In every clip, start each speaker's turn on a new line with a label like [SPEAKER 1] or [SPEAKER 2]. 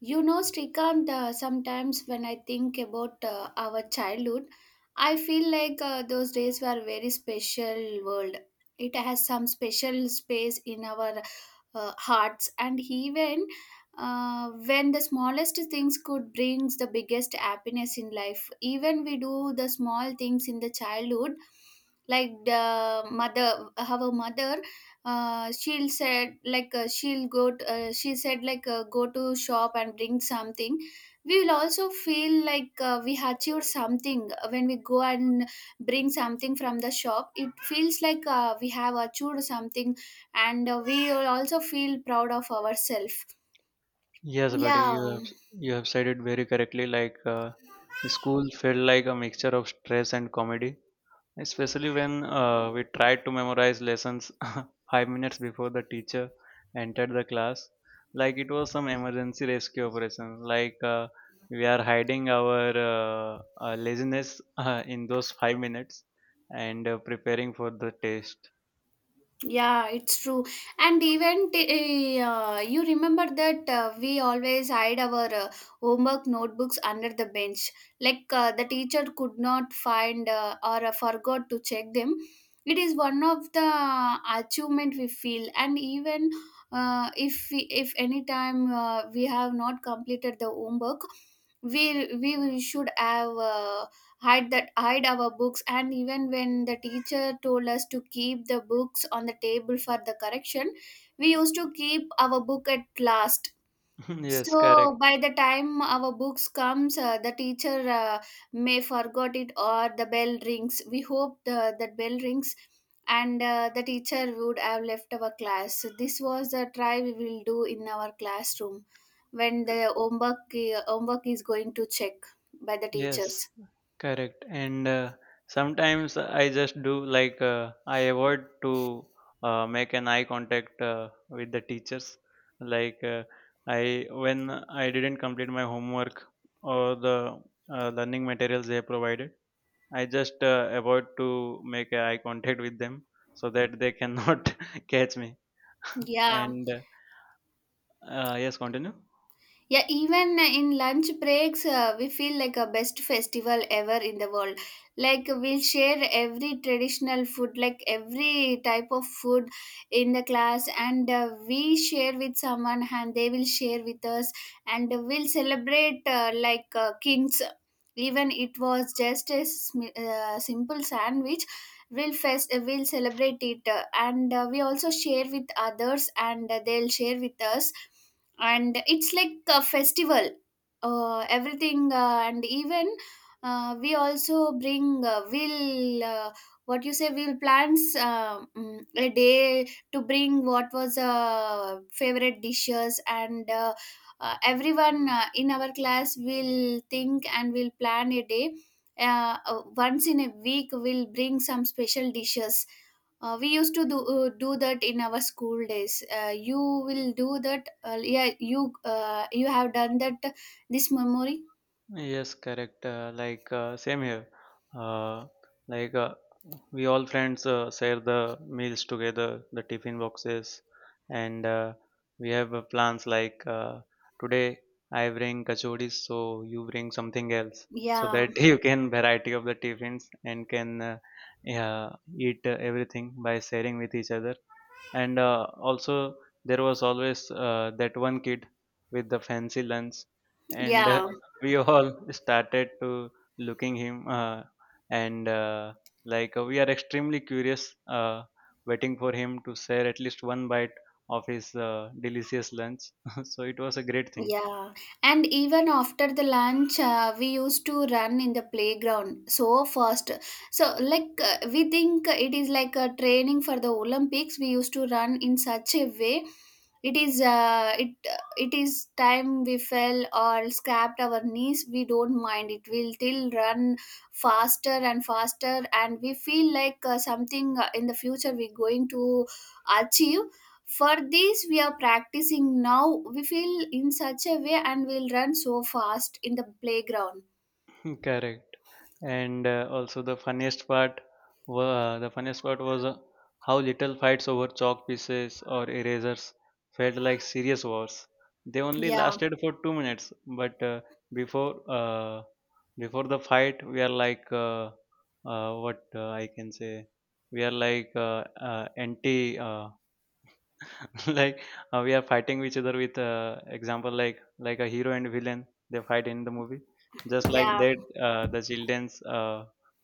[SPEAKER 1] Srikant, sometimes when I think about our childhood, I feel like those days were very special world. It has some special space in our hearts, and even when the smallest things could brings the biggest happiness in life. Even we do the small things in the childhood, like the mother, our mother she'll said like she'll go to, she said like go to shop and bring something we will also feel like we achieved something when we go and bring something from the shop it feels like we have achieved something and we will also feel proud of ourselves,
[SPEAKER 2] Yes, buddy, you
[SPEAKER 1] yeah.
[SPEAKER 2] have you have said it very correctly. Like school felt like a mixture of stress and comedy, especially when we tried to memorize lessons 5 minutes before the teacher entered the class. Like it was some emergency rescue operation. Like we are hiding our laziness in those 5 minutes and preparing for the test.
[SPEAKER 1] Yeah, it's true. And even you remember that we always hide our homework notebooks under the bench. Like the teacher could not find or forgot to check them. It is one of the achievement we feel. And even if we, if any time we have not completed the homework, we should have. Hide that hide our books and even when the teacher told us to keep the books on the table for the correction we used to keep our book at last.
[SPEAKER 2] yes, correct.
[SPEAKER 1] So by the time our books comes the teacher may forgot it or the bell rings, we hope the, that bell rings and the teacher would have left our class. So this was the try we will do in our classroom when the homework, homework is going to check by the teachers,
[SPEAKER 2] Yes. Correct. And sometimes I just do, like I avoid to make an eye contact with the teachers. Like I when I didn't complete my homework or the learning materials they provided, I just avoid to make a eye contact with them, so that they cannot catch me.
[SPEAKER 1] yeah.
[SPEAKER 2] And yes, continue.
[SPEAKER 1] Yeah, even in lunch breaks, we feel like a best festival ever in the world. Like we'll share every traditional food, like every type of food in the class, and we share with someone, and they will share with us, and we'll celebrate like kings. Even it was just a simple sandwich. We'll celebrate it, and we also share with others, and they'll share with us and it's like a festival everything and even we also bring will what you say will plans a day to bring what was favorite dishes and everyone in our class will think and will plan a day, once in a week we'll bring some special dishes. We used to do do that in our school days. You will do that. Yeah, you you have done that. This memory.
[SPEAKER 2] Yes, correct. Like same here. Uh, like we all friends share the meals together, the tiffin boxes, and we have plans like today I bring kachoris, so you bring something else, so
[SPEAKER 1] Yeah,
[SPEAKER 2] that you can variety of the tiffins and can, yeah, eat everything by sharing with each other. And also, there was always that one kid with the fancy lunch, and
[SPEAKER 1] yeah.
[SPEAKER 2] we all started to looking him, and like we are extremely curious, waiting for him to share at least one bite of his delicious lunch. So it was a great thing.
[SPEAKER 1] Yeah, and even after the lunch, we used to run in the playground so fast. So, like, we think it is like a training for the Olympics. We used to run in such a way. It it is time we fell or scrapped our knees. We don't mind. It will still run faster and faster, and we feel like something in the future we're going to achieve. For this we are practicing now, we feel in such a way and we'll run so fast in the playground.
[SPEAKER 2] Correct. And also, the funniest part was how little fights over chalk pieces or erasers felt like serious wars. They only
[SPEAKER 1] Yeah
[SPEAKER 2] lasted for 2 minutes, but before uh, before the fight, we are like, what I can say, we are like, anti. Like we are fighting each other with, example, like a hero and villain they fight in the movie, just like
[SPEAKER 1] yeah.
[SPEAKER 2] that. The childrens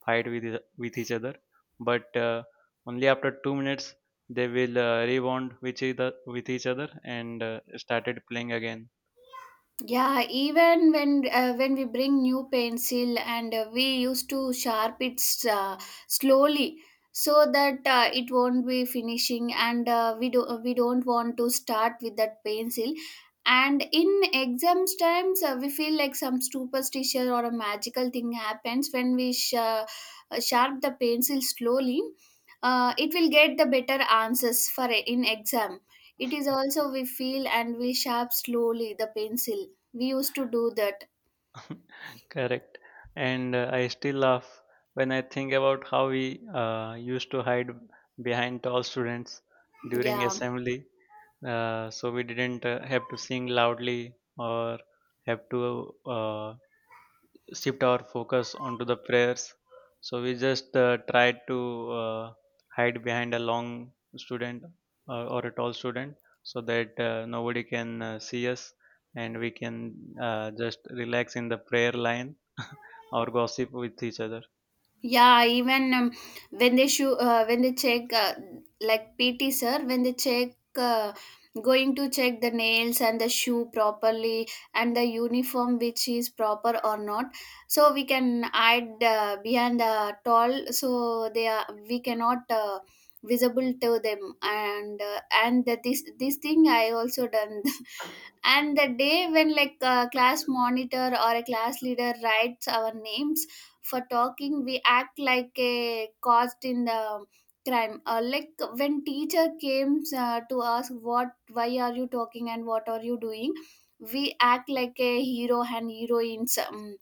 [SPEAKER 2] fight with each other, but only after 2 minutes they will rebond with each other and started playing again.
[SPEAKER 1] Yeah, even when we bring new pencil and we used to sharp it slowly so that it won't be finishing and we don't want to start with that pencil. And in exams times, we feel like some superstition or a magical thing happens when we sharp the pencil slowly. It will get the better answers for in exam. It is also we feel and we sharp slowly the pencil, we used to do that.
[SPEAKER 2] Correct. And I still laugh when I think about how we used to hide behind tall students during
[SPEAKER 1] Yeah.
[SPEAKER 2] assembly. So we didn't have to sing loudly or have to shift our focus onto the prayers. So we just try to hide behind a long student, or a tall student, so that nobody can see us and we can just relax in the prayer line or gossip with each other.
[SPEAKER 1] Yeah, even when they show, when they check like PT sir, when they check going to check the nails and the shoe properly and the uniform which is proper or not, so we can hide behind the tall, so they are we cannot visible to them and and that this thing I also done. And the day when like a class monitor or a class leader writes our names for talking, we act like a cost in the crime like when teacher came to ask what why are you talking and what are you doing, we act like a hero and heroines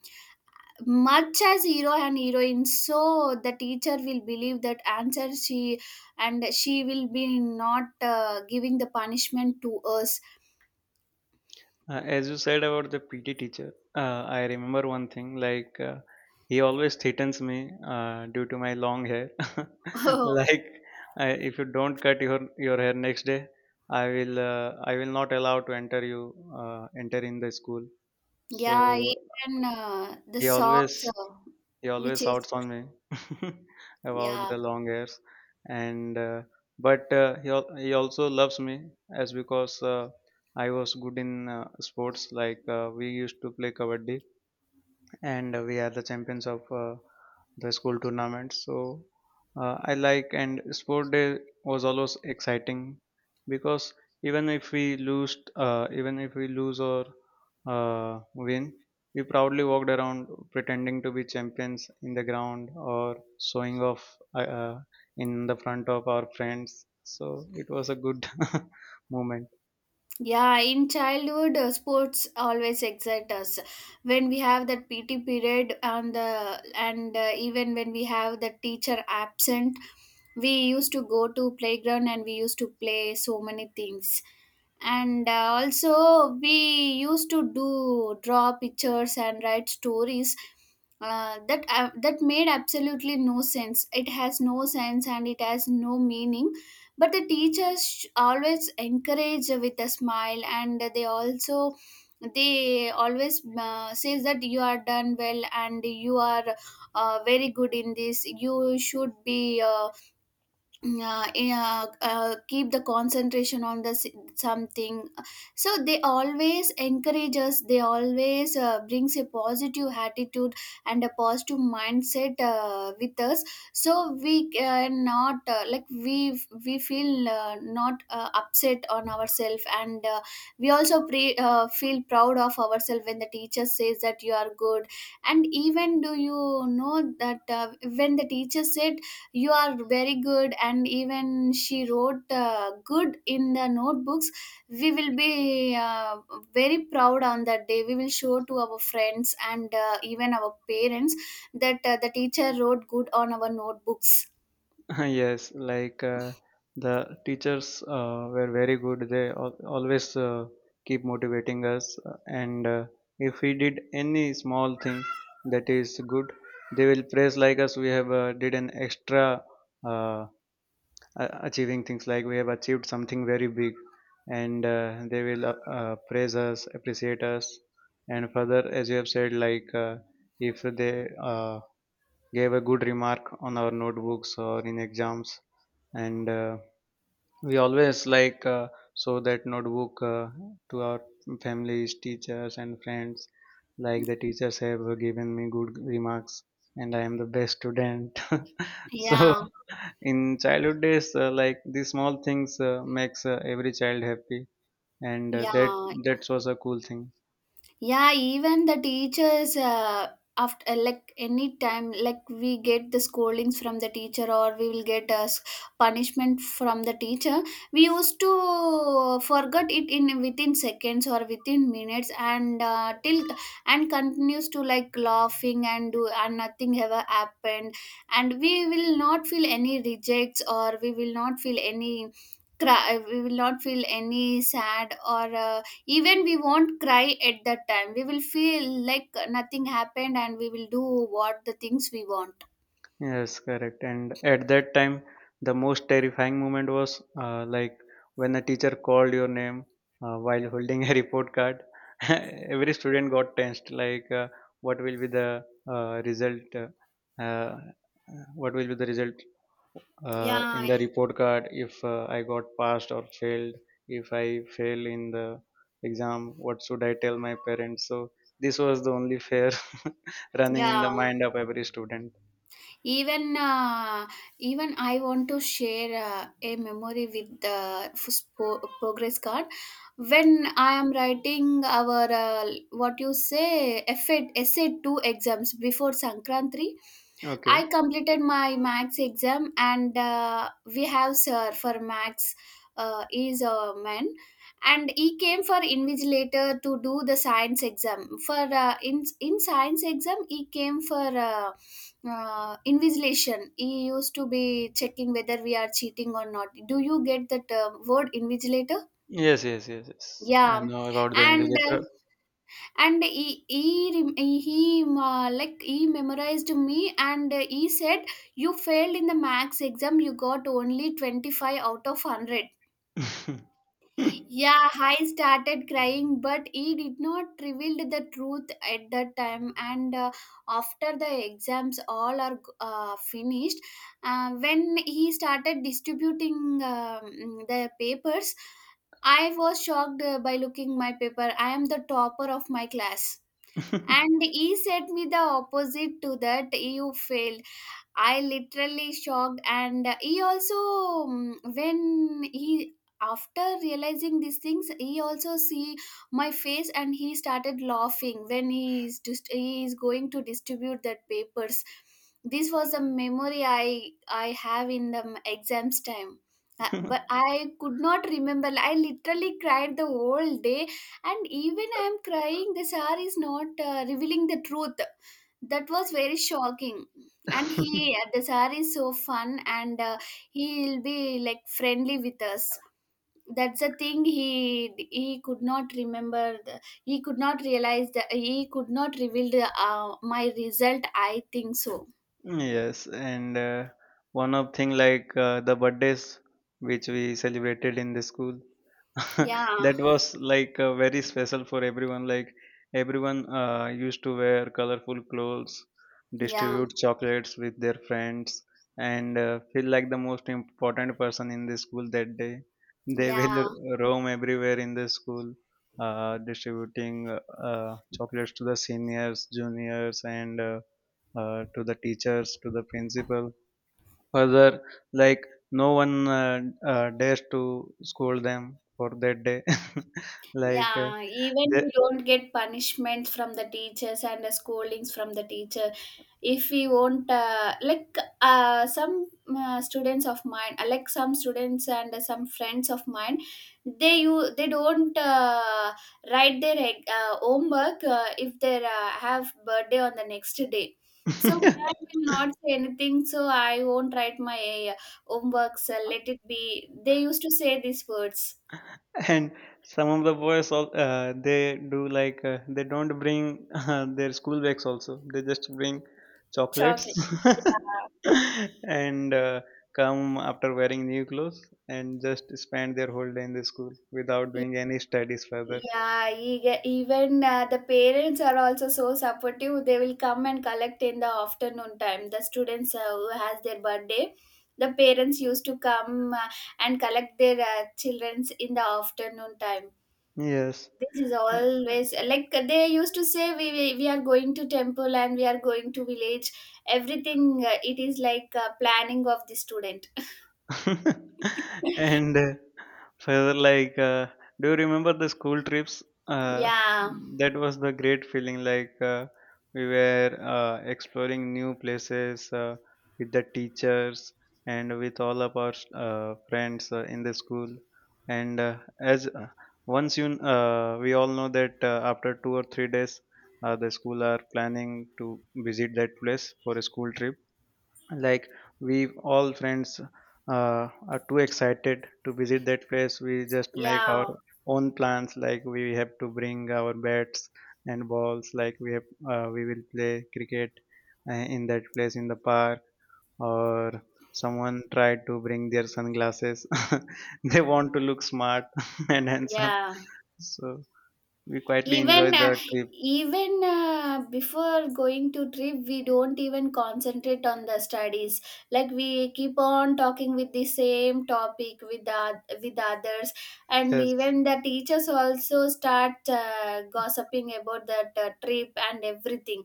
[SPEAKER 1] much as hero and heroine so the teacher will believe that answer she and she will be not giving the punishment to us.
[SPEAKER 2] As you said about the PT teacher, I remember one thing, like he always threatens me due to my long hair.
[SPEAKER 1] Oh,
[SPEAKER 2] Like, if you don't cut your hair next day, I will not allow to enter you, enter in the school. So
[SPEAKER 1] yeah, even the
[SPEAKER 2] he always
[SPEAKER 1] socks
[SPEAKER 2] he always
[SPEAKER 1] which is,
[SPEAKER 2] shouts on me about
[SPEAKER 1] yeah.
[SPEAKER 2] the long hairs. And but he also loves me, as because I was good in sports, like we used to play kabaddi, and we are the champions of the school tournament. So I like and sport day was always exciting, because even if we lose, even if we lose or win, we proudly walked around pretending to be champions in the ground or showing off, in the front of our friends. So it was a good moment.
[SPEAKER 1] Yeah, in childhood, sports always excite us. When we have that PT period and the and even when we have the teacher absent, we used to go to playground and we used to play so many things and also we used to do draw pictures and write stories that made absolutely no sense, it has no sense and it has no meaning but the teachers always encourage with a smile and they also they always says that you are done well and you are very good in this you should be yeah, keep the concentration on the something, so they always encourage us, they always brings a positive attitude and a positive mindset with us so we cannot like we feel not upset on ourselves and we also feel proud of ourselves when the teacher says that you are good. And even do you know that when the teacher said you are very good and even she wrote good in the notebooks, we will be very proud on that day, we will show to our friends and even our parents that the teacher wrote good on our notebooks.
[SPEAKER 2] Yes, like the teachers were very good. They always keep motivating us, and if we did any small thing that is good, they will praise like us. We have did an extra uh, achieving things, like we have achieved something very big, and they will praise us, appreciate us, and further, as you have said, like if they gave a good remark on our notebooks or in exams. And we always, like show that notebook to our families, teachers, and friends, like the teachers have given me good remarks and I am the best student. So
[SPEAKER 1] Yeah,
[SPEAKER 2] in childhood days, like these small things makes every child happy. And that
[SPEAKER 1] yeah.
[SPEAKER 2] that was a cool thing.
[SPEAKER 1] Yeah, even the teachers after like any time like we get the scoldings from the teacher or we will get a punishment from the teacher, we used to forget it in within seconds or within minutes and till and continues to like laughing and do and nothing ever happened, and we will not feel any rejects or we will not feel any cry, we will not feel any sad or even we won't cry at that time. We will feel like nothing happened and we will do what the things we want.
[SPEAKER 2] Yes, correct. And at that time, the most terrifying moment was, like when a teacher called your name while holding a report card. Every student got tensed, like what will be the result? Uh, what will be the result in
[SPEAKER 1] Yeah.
[SPEAKER 2] the report card if I got passed or failed? If I fail in the exam, what should I tell my parents? So this was the only fear running in
[SPEAKER 1] Yeah.
[SPEAKER 2] the mind of every student.
[SPEAKER 1] Even even I want to share a memory with the progress card. When I am writing our what you say FA essay two exams before Sankranti,
[SPEAKER 2] Okay.
[SPEAKER 1] I completed my max exam, and we have sir for max is a man, and he came for invigilator to do the science exam. For in science exam, he came for uh, invigilation. He used to be checking whether we are cheating or not. Do you get that word invigilator?
[SPEAKER 2] Yes, yes, yes, yes. I
[SPEAKER 1] Yeah,
[SPEAKER 2] know about the
[SPEAKER 1] and.
[SPEAKER 2] invigilator.
[SPEAKER 1] And he, rem- he like he memorized me and he said you failed in the max exam, you got only 25 out of 100. Yeah, I started crying but he did not revealed the truth at that time, and after the exams all are finished, when he started distributing the papers, I was shocked by looking my paper I am the topper of my class, and he said me the opposite to that you fail. I literally shocked, and he also when he after realizing these things, he also see my face and he started laughing when he is just he is going to distribute that papers. This was the memory I have in the exams time. But I could not remember. I literally cried the whole day, and even I am crying, the sir is not revealing the truth. That was very shocking, and he the sir is so fun and he'll be like friendly with us. That's the thing, he could not remember the, he could not realize that he could not reveal the, my result I think so.
[SPEAKER 2] Yes, and one of thing, like the birthdays which we celebrated in the school.
[SPEAKER 1] Yeah.
[SPEAKER 2] that was, like very special for everyone. Like everyone used to wear colorful clothes,
[SPEAKER 1] Yeah.
[SPEAKER 2] distribute chocolates with their friends, and feel like the most important person in the school that day. They
[SPEAKER 1] Yeah,
[SPEAKER 2] will roam everywhere in the school, distributing, chocolates to the seniors, juniors, and, to the teachers, to the principal. Further, like no one dares to scold them for that day. like
[SPEAKER 1] yeah, even
[SPEAKER 2] they,
[SPEAKER 1] we don't get punishment from the teachers and the scoldings from the teachers if we won't like some students of mine like some students and some friends of mine, they you they don't write their homework if they have birthday on the next day, so I will not say anything, so I won't write my homeworks, let it be, they used to say these words.
[SPEAKER 2] and some of the boys, they do, like they don't bring their school bags also. They just bring chocolates
[SPEAKER 1] Chocolate, yeah.
[SPEAKER 2] and come after wearing new clothes, and just spend their whole day in the school without doing any studies further.
[SPEAKER 1] Yeah, even the parents are also so supportive. They will come and collect in the afternoon time. The students who has their birthday, the parents used to come and collect their childrens in the afternoon time.
[SPEAKER 2] Yes.
[SPEAKER 1] This is always like they used to say we are going to temple and we are going to village. Everything it is like planning of the student.
[SPEAKER 2] and further, like do you remember the school trips? uh,
[SPEAKER 1] Yeah,
[SPEAKER 2] that was the great feeling. Like we were exploring new places with the teachers and with all of our friends in the school. And as once you we all know that after 2 or 3 days, the school are planning to visit that place for a school trip. Like, we all friends are too excited to visit that place. We just make our
[SPEAKER 1] yeah,
[SPEAKER 2] own plans, like we have to bring our bats and balls, like we will play cricket in that place, in the park. Or someone tried to bring their sunglasses, they want to look smart and handsome,
[SPEAKER 1] yeah.
[SPEAKER 2] so we quietly enjoy
[SPEAKER 1] even
[SPEAKER 2] the trip.
[SPEAKER 1] even Before going to trip we don't even concentrate on the studies, like we keep on talking with the same topic with with others, and
[SPEAKER 2] Yes.
[SPEAKER 1] even the teachers also start gossiping about that trip and everything.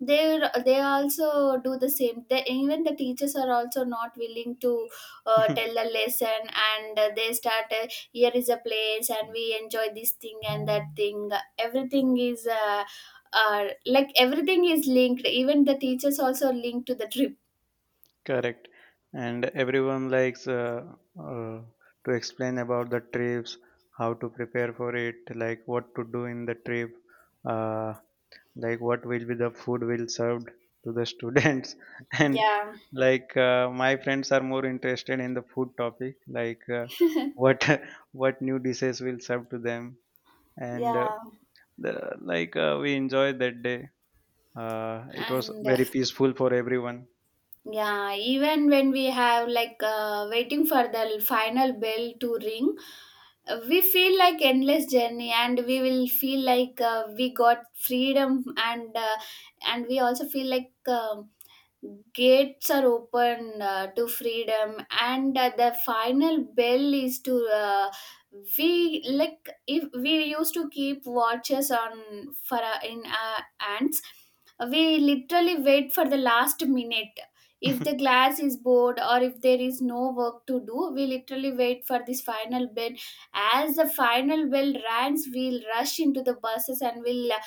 [SPEAKER 1] They they also do the same. Even the teachers are also not willing to tell the lesson, and they start here is a place and we enjoy this thing and that thing. Everything is like everything is linked, even the teachers also linked to the trip.
[SPEAKER 2] Correct. And everyone likes, uh, to explain about the trips, how to prepare for it, like what to do in the trip, uh, like what will be the food will served to the students. And,
[SPEAKER 1] Yeah,
[SPEAKER 2] like my friends are more interested in the food topic, like what what new dishes will serve to them. And
[SPEAKER 1] yeah.
[SPEAKER 2] like we enjoyed that day. It was
[SPEAKER 1] and
[SPEAKER 2] very peaceful for everyone.
[SPEAKER 1] Yeah, even when we have like waiting for the final bell to ring, we feel like endless journey, and we will feel like we got freedom, and we also feel like um gates are open to freedom, and the final bell is to we like if we used to keep watches on for in our ants. We literally wait for the last minute. If the class is bored, or if there is no work to do, we literally wait for this final bell. As the final bell rings, we'll rush into the buses, and we'll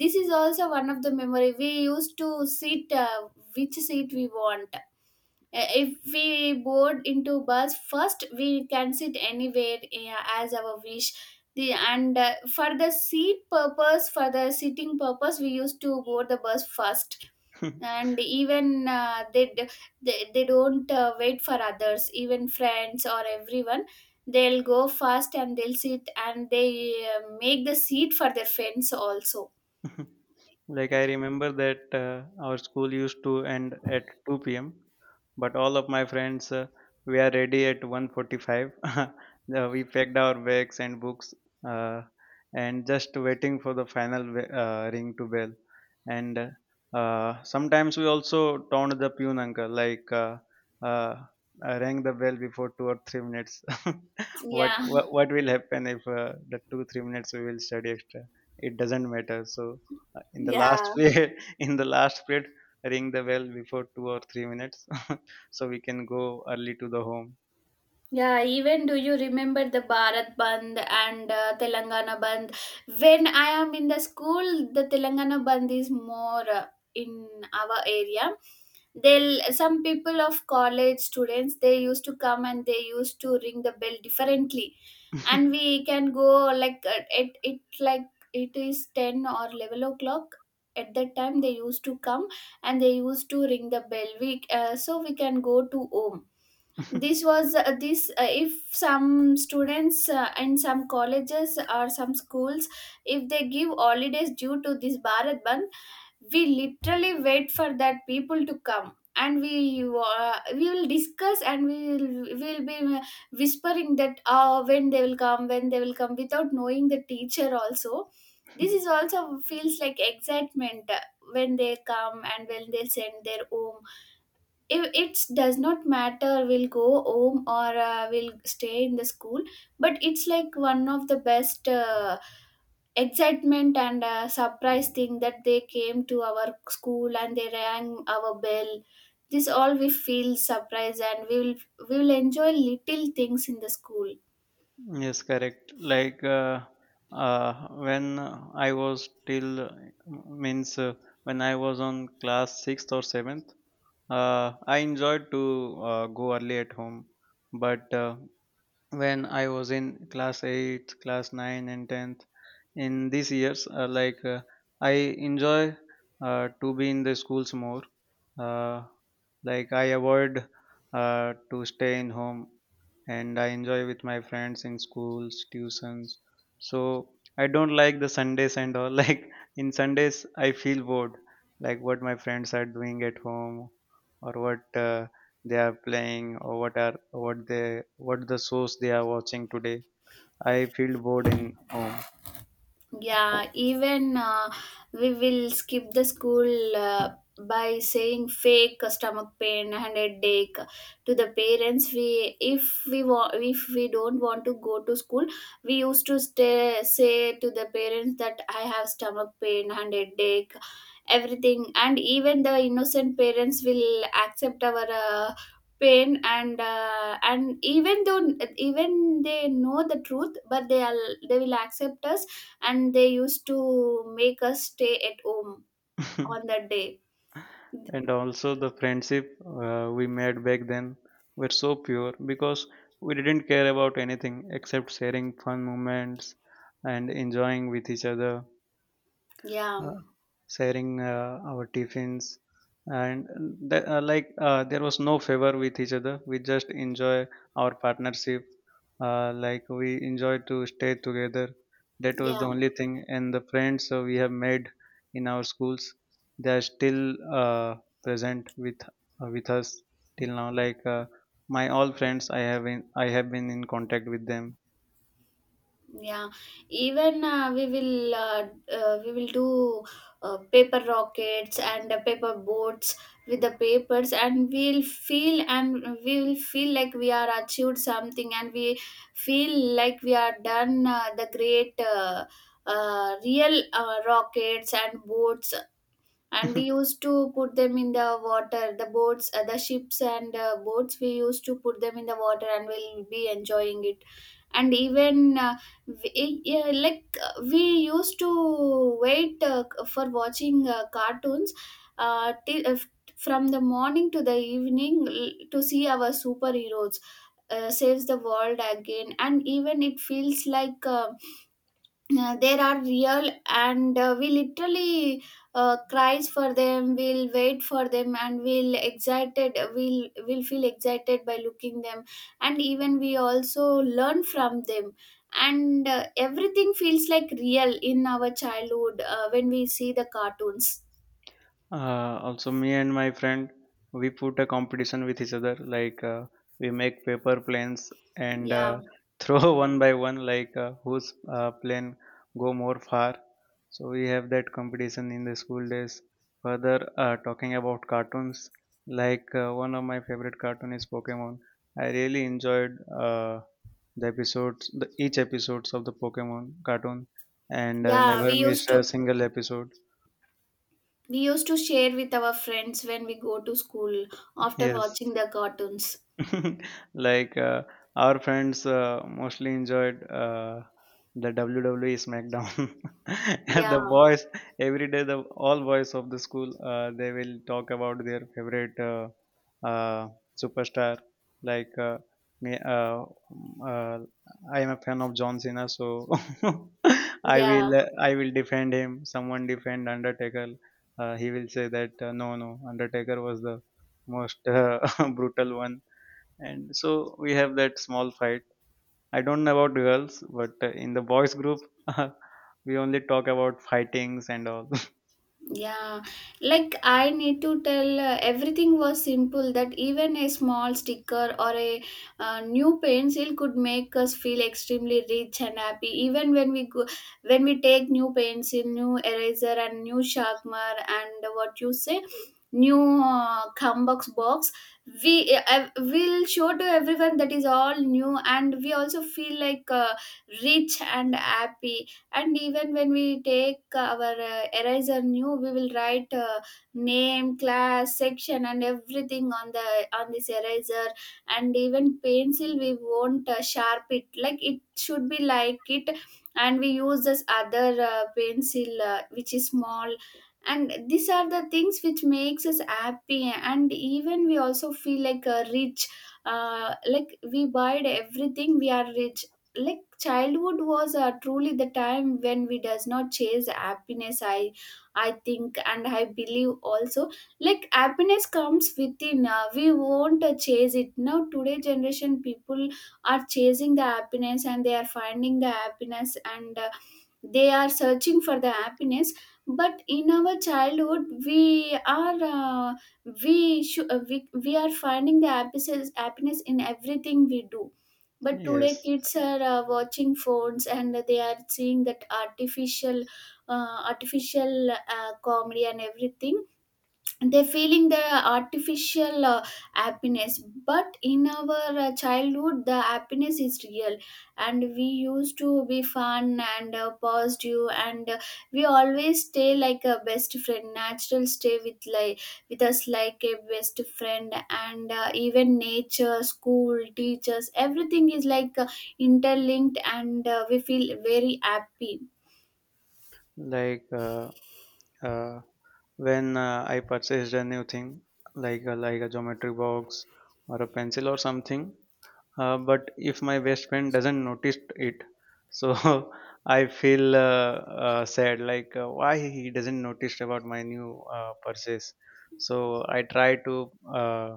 [SPEAKER 1] this is also one of the memory. We used to sit which seat we want. If we board into bus first, we can sit anywhere as our wish. The and For the seat purpose, for the sitting purpose, we used to board the bus first. And even they, d- they don't wait for others, even friends or everyone. They'll go first, and they'll sit, and they make the seat for their friends also.
[SPEAKER 2] Like I remember that our school used to end at 2 p.m., but all of my friends were ready at 1:45. We packed our bags and books, uh, and just waiting for the final ring to bell. And, sometimes we also taunt the pune uncle, like, uh, rang the bell before 2 or 3 minutes. what,
[SPEAKER 1] Yeah.
[SPEAKER 2] what what will happen if the 2 3 minutes we will study extra? It doesn't matter, so in the last
[SPEAKER 1] Yeah.
[SPEAKER 2] period. In the last period, ring the bell before 2 or 3 minutes, so we can go early to the home.
[SPEAKER 1] Yeah, even do you remember the Bharat Bandh and Telangana Bandh? When I am in the school, the Telangana Bandh is more in our area. They'll some people of college students, they used to come and they used to ring the bell differently, and we can go like it it like it is 10 or 11 o'clock. At that time, they used to come and they used to ring the bell. We So we can go to home. This was this If some students and some colleges or some schools, if they give holidays due to this bharat band, we literally wait for that people to come, and we will discuss, and we will be whispering that when they will come, when they will come, without knowing the teacher also. This is also feels like excitement, when they come and when they send their home. If it does not matter, we'll go home or we'll stay in the school, but it's like one of the best excitement and surprise thing that they came to our school and they rang our bell. This all we feel surprise, and we will enjoy little things in the school.
[SPEAKER 2] yes, correct. Like uh, when i was till means uh, when I was on class 6th or 7th, uh, I enjoyed to go early at home. But when I was in class 8, class 9, and 10th. In these years, like I enjoy to be in the schools more, uh, like I avoid to stay in home, and I enjoy with my friends in schools tuitions. So I don't like the Sundays and all. like in Sundays I feel bored, like what my friends are doing at home, or what they are playing, or what the shows they are watching today. I feel bored in home.
[SPEAKER 1] Yeah, even we will skip the school by saying fake stomach pain and headache to the parents. We, if we want, if we don't want to go to school, we used to stay say to the parents that I have stomach pain and headache, everything, and even the innocent parents will accept our. Pain and even though even they know the truth, but they are they will accept us, and they used to make us stay at home on that day.
[SPEAKER 2] and also, the friendship we made back then were so pure, because we didn't care about anything except sharing fun moments and enjoying with each other,
[SPEAKER 1] Yeah.
[SPEAKER 2] uh, sharing our tiffins. And like there was no favor with each other. We just enjoy our partnership. Like we enjoy to stay together. That was the
[SPEAKER 1] Yeah.
[SPEAKER 2] only thing. And the friends we have made in our schools, they are still present with us till now. Like my all friends, I have been in contact with them.
[SPEAKER 1] Yeah, even we will do paper rockets and paper boats with the papers, and we'll feel, and we will feel like we are achieved something, and we feel like we are done the great real rockets and boats. And we used to put them in the water, the boats, the ships and boats, we used to put them in the water, and we'll be enjoying it. And even yeah, like we used to wait for watching cartoons, till, from the morning to the evening l- to see our superheroes saves the world again, and even it feels like there are real, and we literally cries for them, we'll wait for them, and we'll excited, we'll feel excited by looking them. And even we also learn from them, and everything feels like real in our childhood when we see the cartoons.
[SPEAKER 2] Also, me and my friend, we put a competition with each other. Like we make paper planes and
[SPEAKER 1] Yeah.
[SPEAKER 2] throw one by one, like whose plane go more far. So we have that competition in the school days. Further, talking about cartoons, like one of my favorite cartoon is Pokemon. I really enjoyed uh, the episodes, each episodes of the Pokemon cartoon, and
[SPEAKER 1] Yeah, we
[SPEAKER 2] never
[SPEAKER 1] used
[SPEAKER 2] missed a
[SPEAKER 1] to
[SPEAKER 2] single episode.
[SPEAKER 1] we used to share with our friends when we go to school after
[SPEAKER 2] Yes.
[SPEAKER 1] watching the cartoons.
[SPEAKER 2] like our friends mostly enjoyed the WWE SmackDown. And the
[SPEAKER 1] Yeah.
[SPEAKER 2] boys every day, the all boys of the school, they will talk about their favorite uh, superstar. Like me, I am a fan of John Cena, so I
[SPEAKER 1] Yeah.
[SPEAKER 2] will uh, I will defend him. Someone defend Undertaker. He will say that no, no, Undertaker was the most brutal one. And so we have that small fight. I don't know about girls, but in the boys group, we only talk about fightings and all.
[SPEAKER 1] Yeah, like I need to tell everything was simple that even a small sticker or a new pencil could make us feel extremely rich and happy. Even when we go, when we take new pencil, new eraser, and new sharpener, and what you say, new Cumbox box, we will show to everyone that is all new, and we also feel like rich and happy. And even when we take our eraser new, we will write name class section and everything on the on this eraser. And even pencil, we won't sharp it like it should be like it, and we use this other pencil which is small. And these are the things which makes us happy, and even we also feel like rich, like we buy everything, we are rich. Like childhood was truly the time when we does not chase happiness. I think and I believe also, like happiness comes within. We won't chase it. Now today generation people are chasing the happiness, and they are finding the happiness, and they are searching for the happiness. But in our childhood we are we, sh- we are finding the happiness, happiness in everything we do. But today
[SPEAKER 2] Yes,
[SPEAKER 1] kids are watching phones, and they are seeing that artificial artificial comedy and everything. They're feeling the artificial happiness, but in our childhood the happiness is real. And we used to be fun and positive, and we always stay like a best friend, natural stay with like with us like a best friend. And even nature school teachers, everything is like interlinked, and we feel very happy.
[SPEAKER 2] like, uh, when I purchased a new thing, like a geometry box or a pencil or something. But if my best friend doesn't notice it, so I feel sad. Like why he doesn't notice about my new purchase. So I try to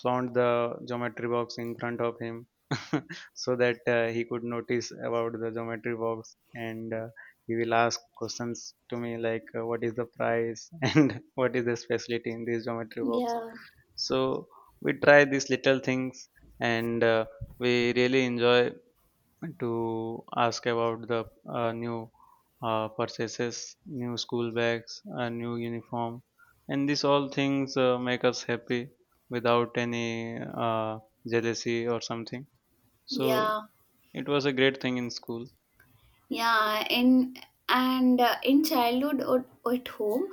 [SPEAKER 2] flaunt the geometry box in front of him, so that he could notice about the geometry box, and he will ask questions to me, like what is the price and what is the specialty in this geometry box.
[SPEAKER 1] Yeah.
[SPEAKER 2] So we try these little things. And we really enjoy to ask about the new purchases, new school bags, a new uniform. And these all things make us happy without any jealousy or something. So
[SPEAKER 1] Yeah.
[SPEAKER 2] it was a great thing in school.
[SPEAKER 1] Yeah, in in childhood o- at home,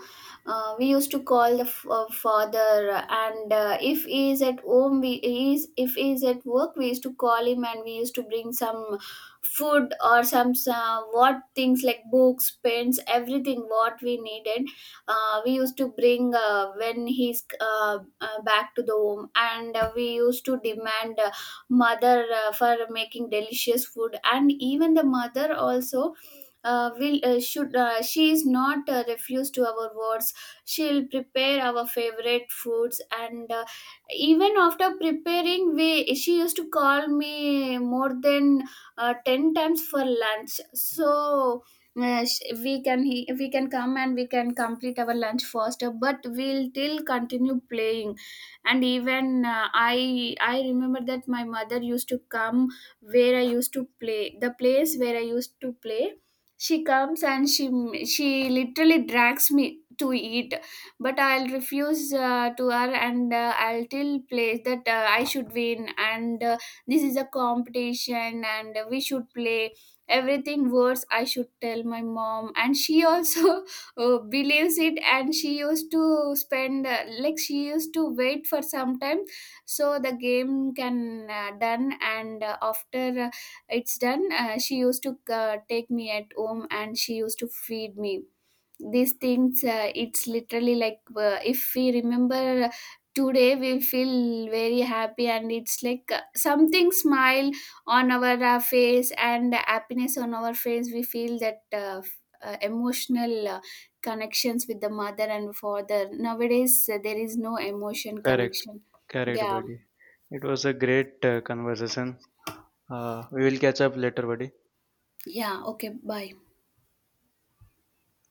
[SPEAKER 1] we used to call the f- father, and if he is at home, we he is, if he is at work, we used to call him, and we used to bring some food or some what things like books, pens, everything what we needed. We used to bring when he's back to the home, and we used to demand mother for making delicious food. And even the mother also will should she is not refused to our words, she'll prepare our favorite foods. And even after preparing, we she used to call me more than 10 times for lunch, so we can we can come and we can complete our lunch faster, but we'll still continue playing. And even I remember that my mother used to come where I used to play, the place where I used to play, she comes, and she literally drags me to eat. But I'll refuse to her, and I'll tell play that I should win, and this is a competition, and we should play everything worse. I should tell my mom, and she also believes it, and she used to spend like she used to wait for some time, so the game can done. And after it's done, she used to take me at home, and she used to feed me. These things, it's literally like if we remember today, we feel very happy. And it's like something smile on our face and happiness on our face. We feel that emotional connections with the mother and father. Nowadays there is no emotion
[SPEAKER 2] Correct,
[SPEAKER 1] connection.
[SPEAKER 2] correct,
[SPEAKER 1] Yeah.
[SPEAKER 2] buddy. It was a great conversation. We will catch up later, buddy.
[SPEAKER 1] Yeah, okay, bye.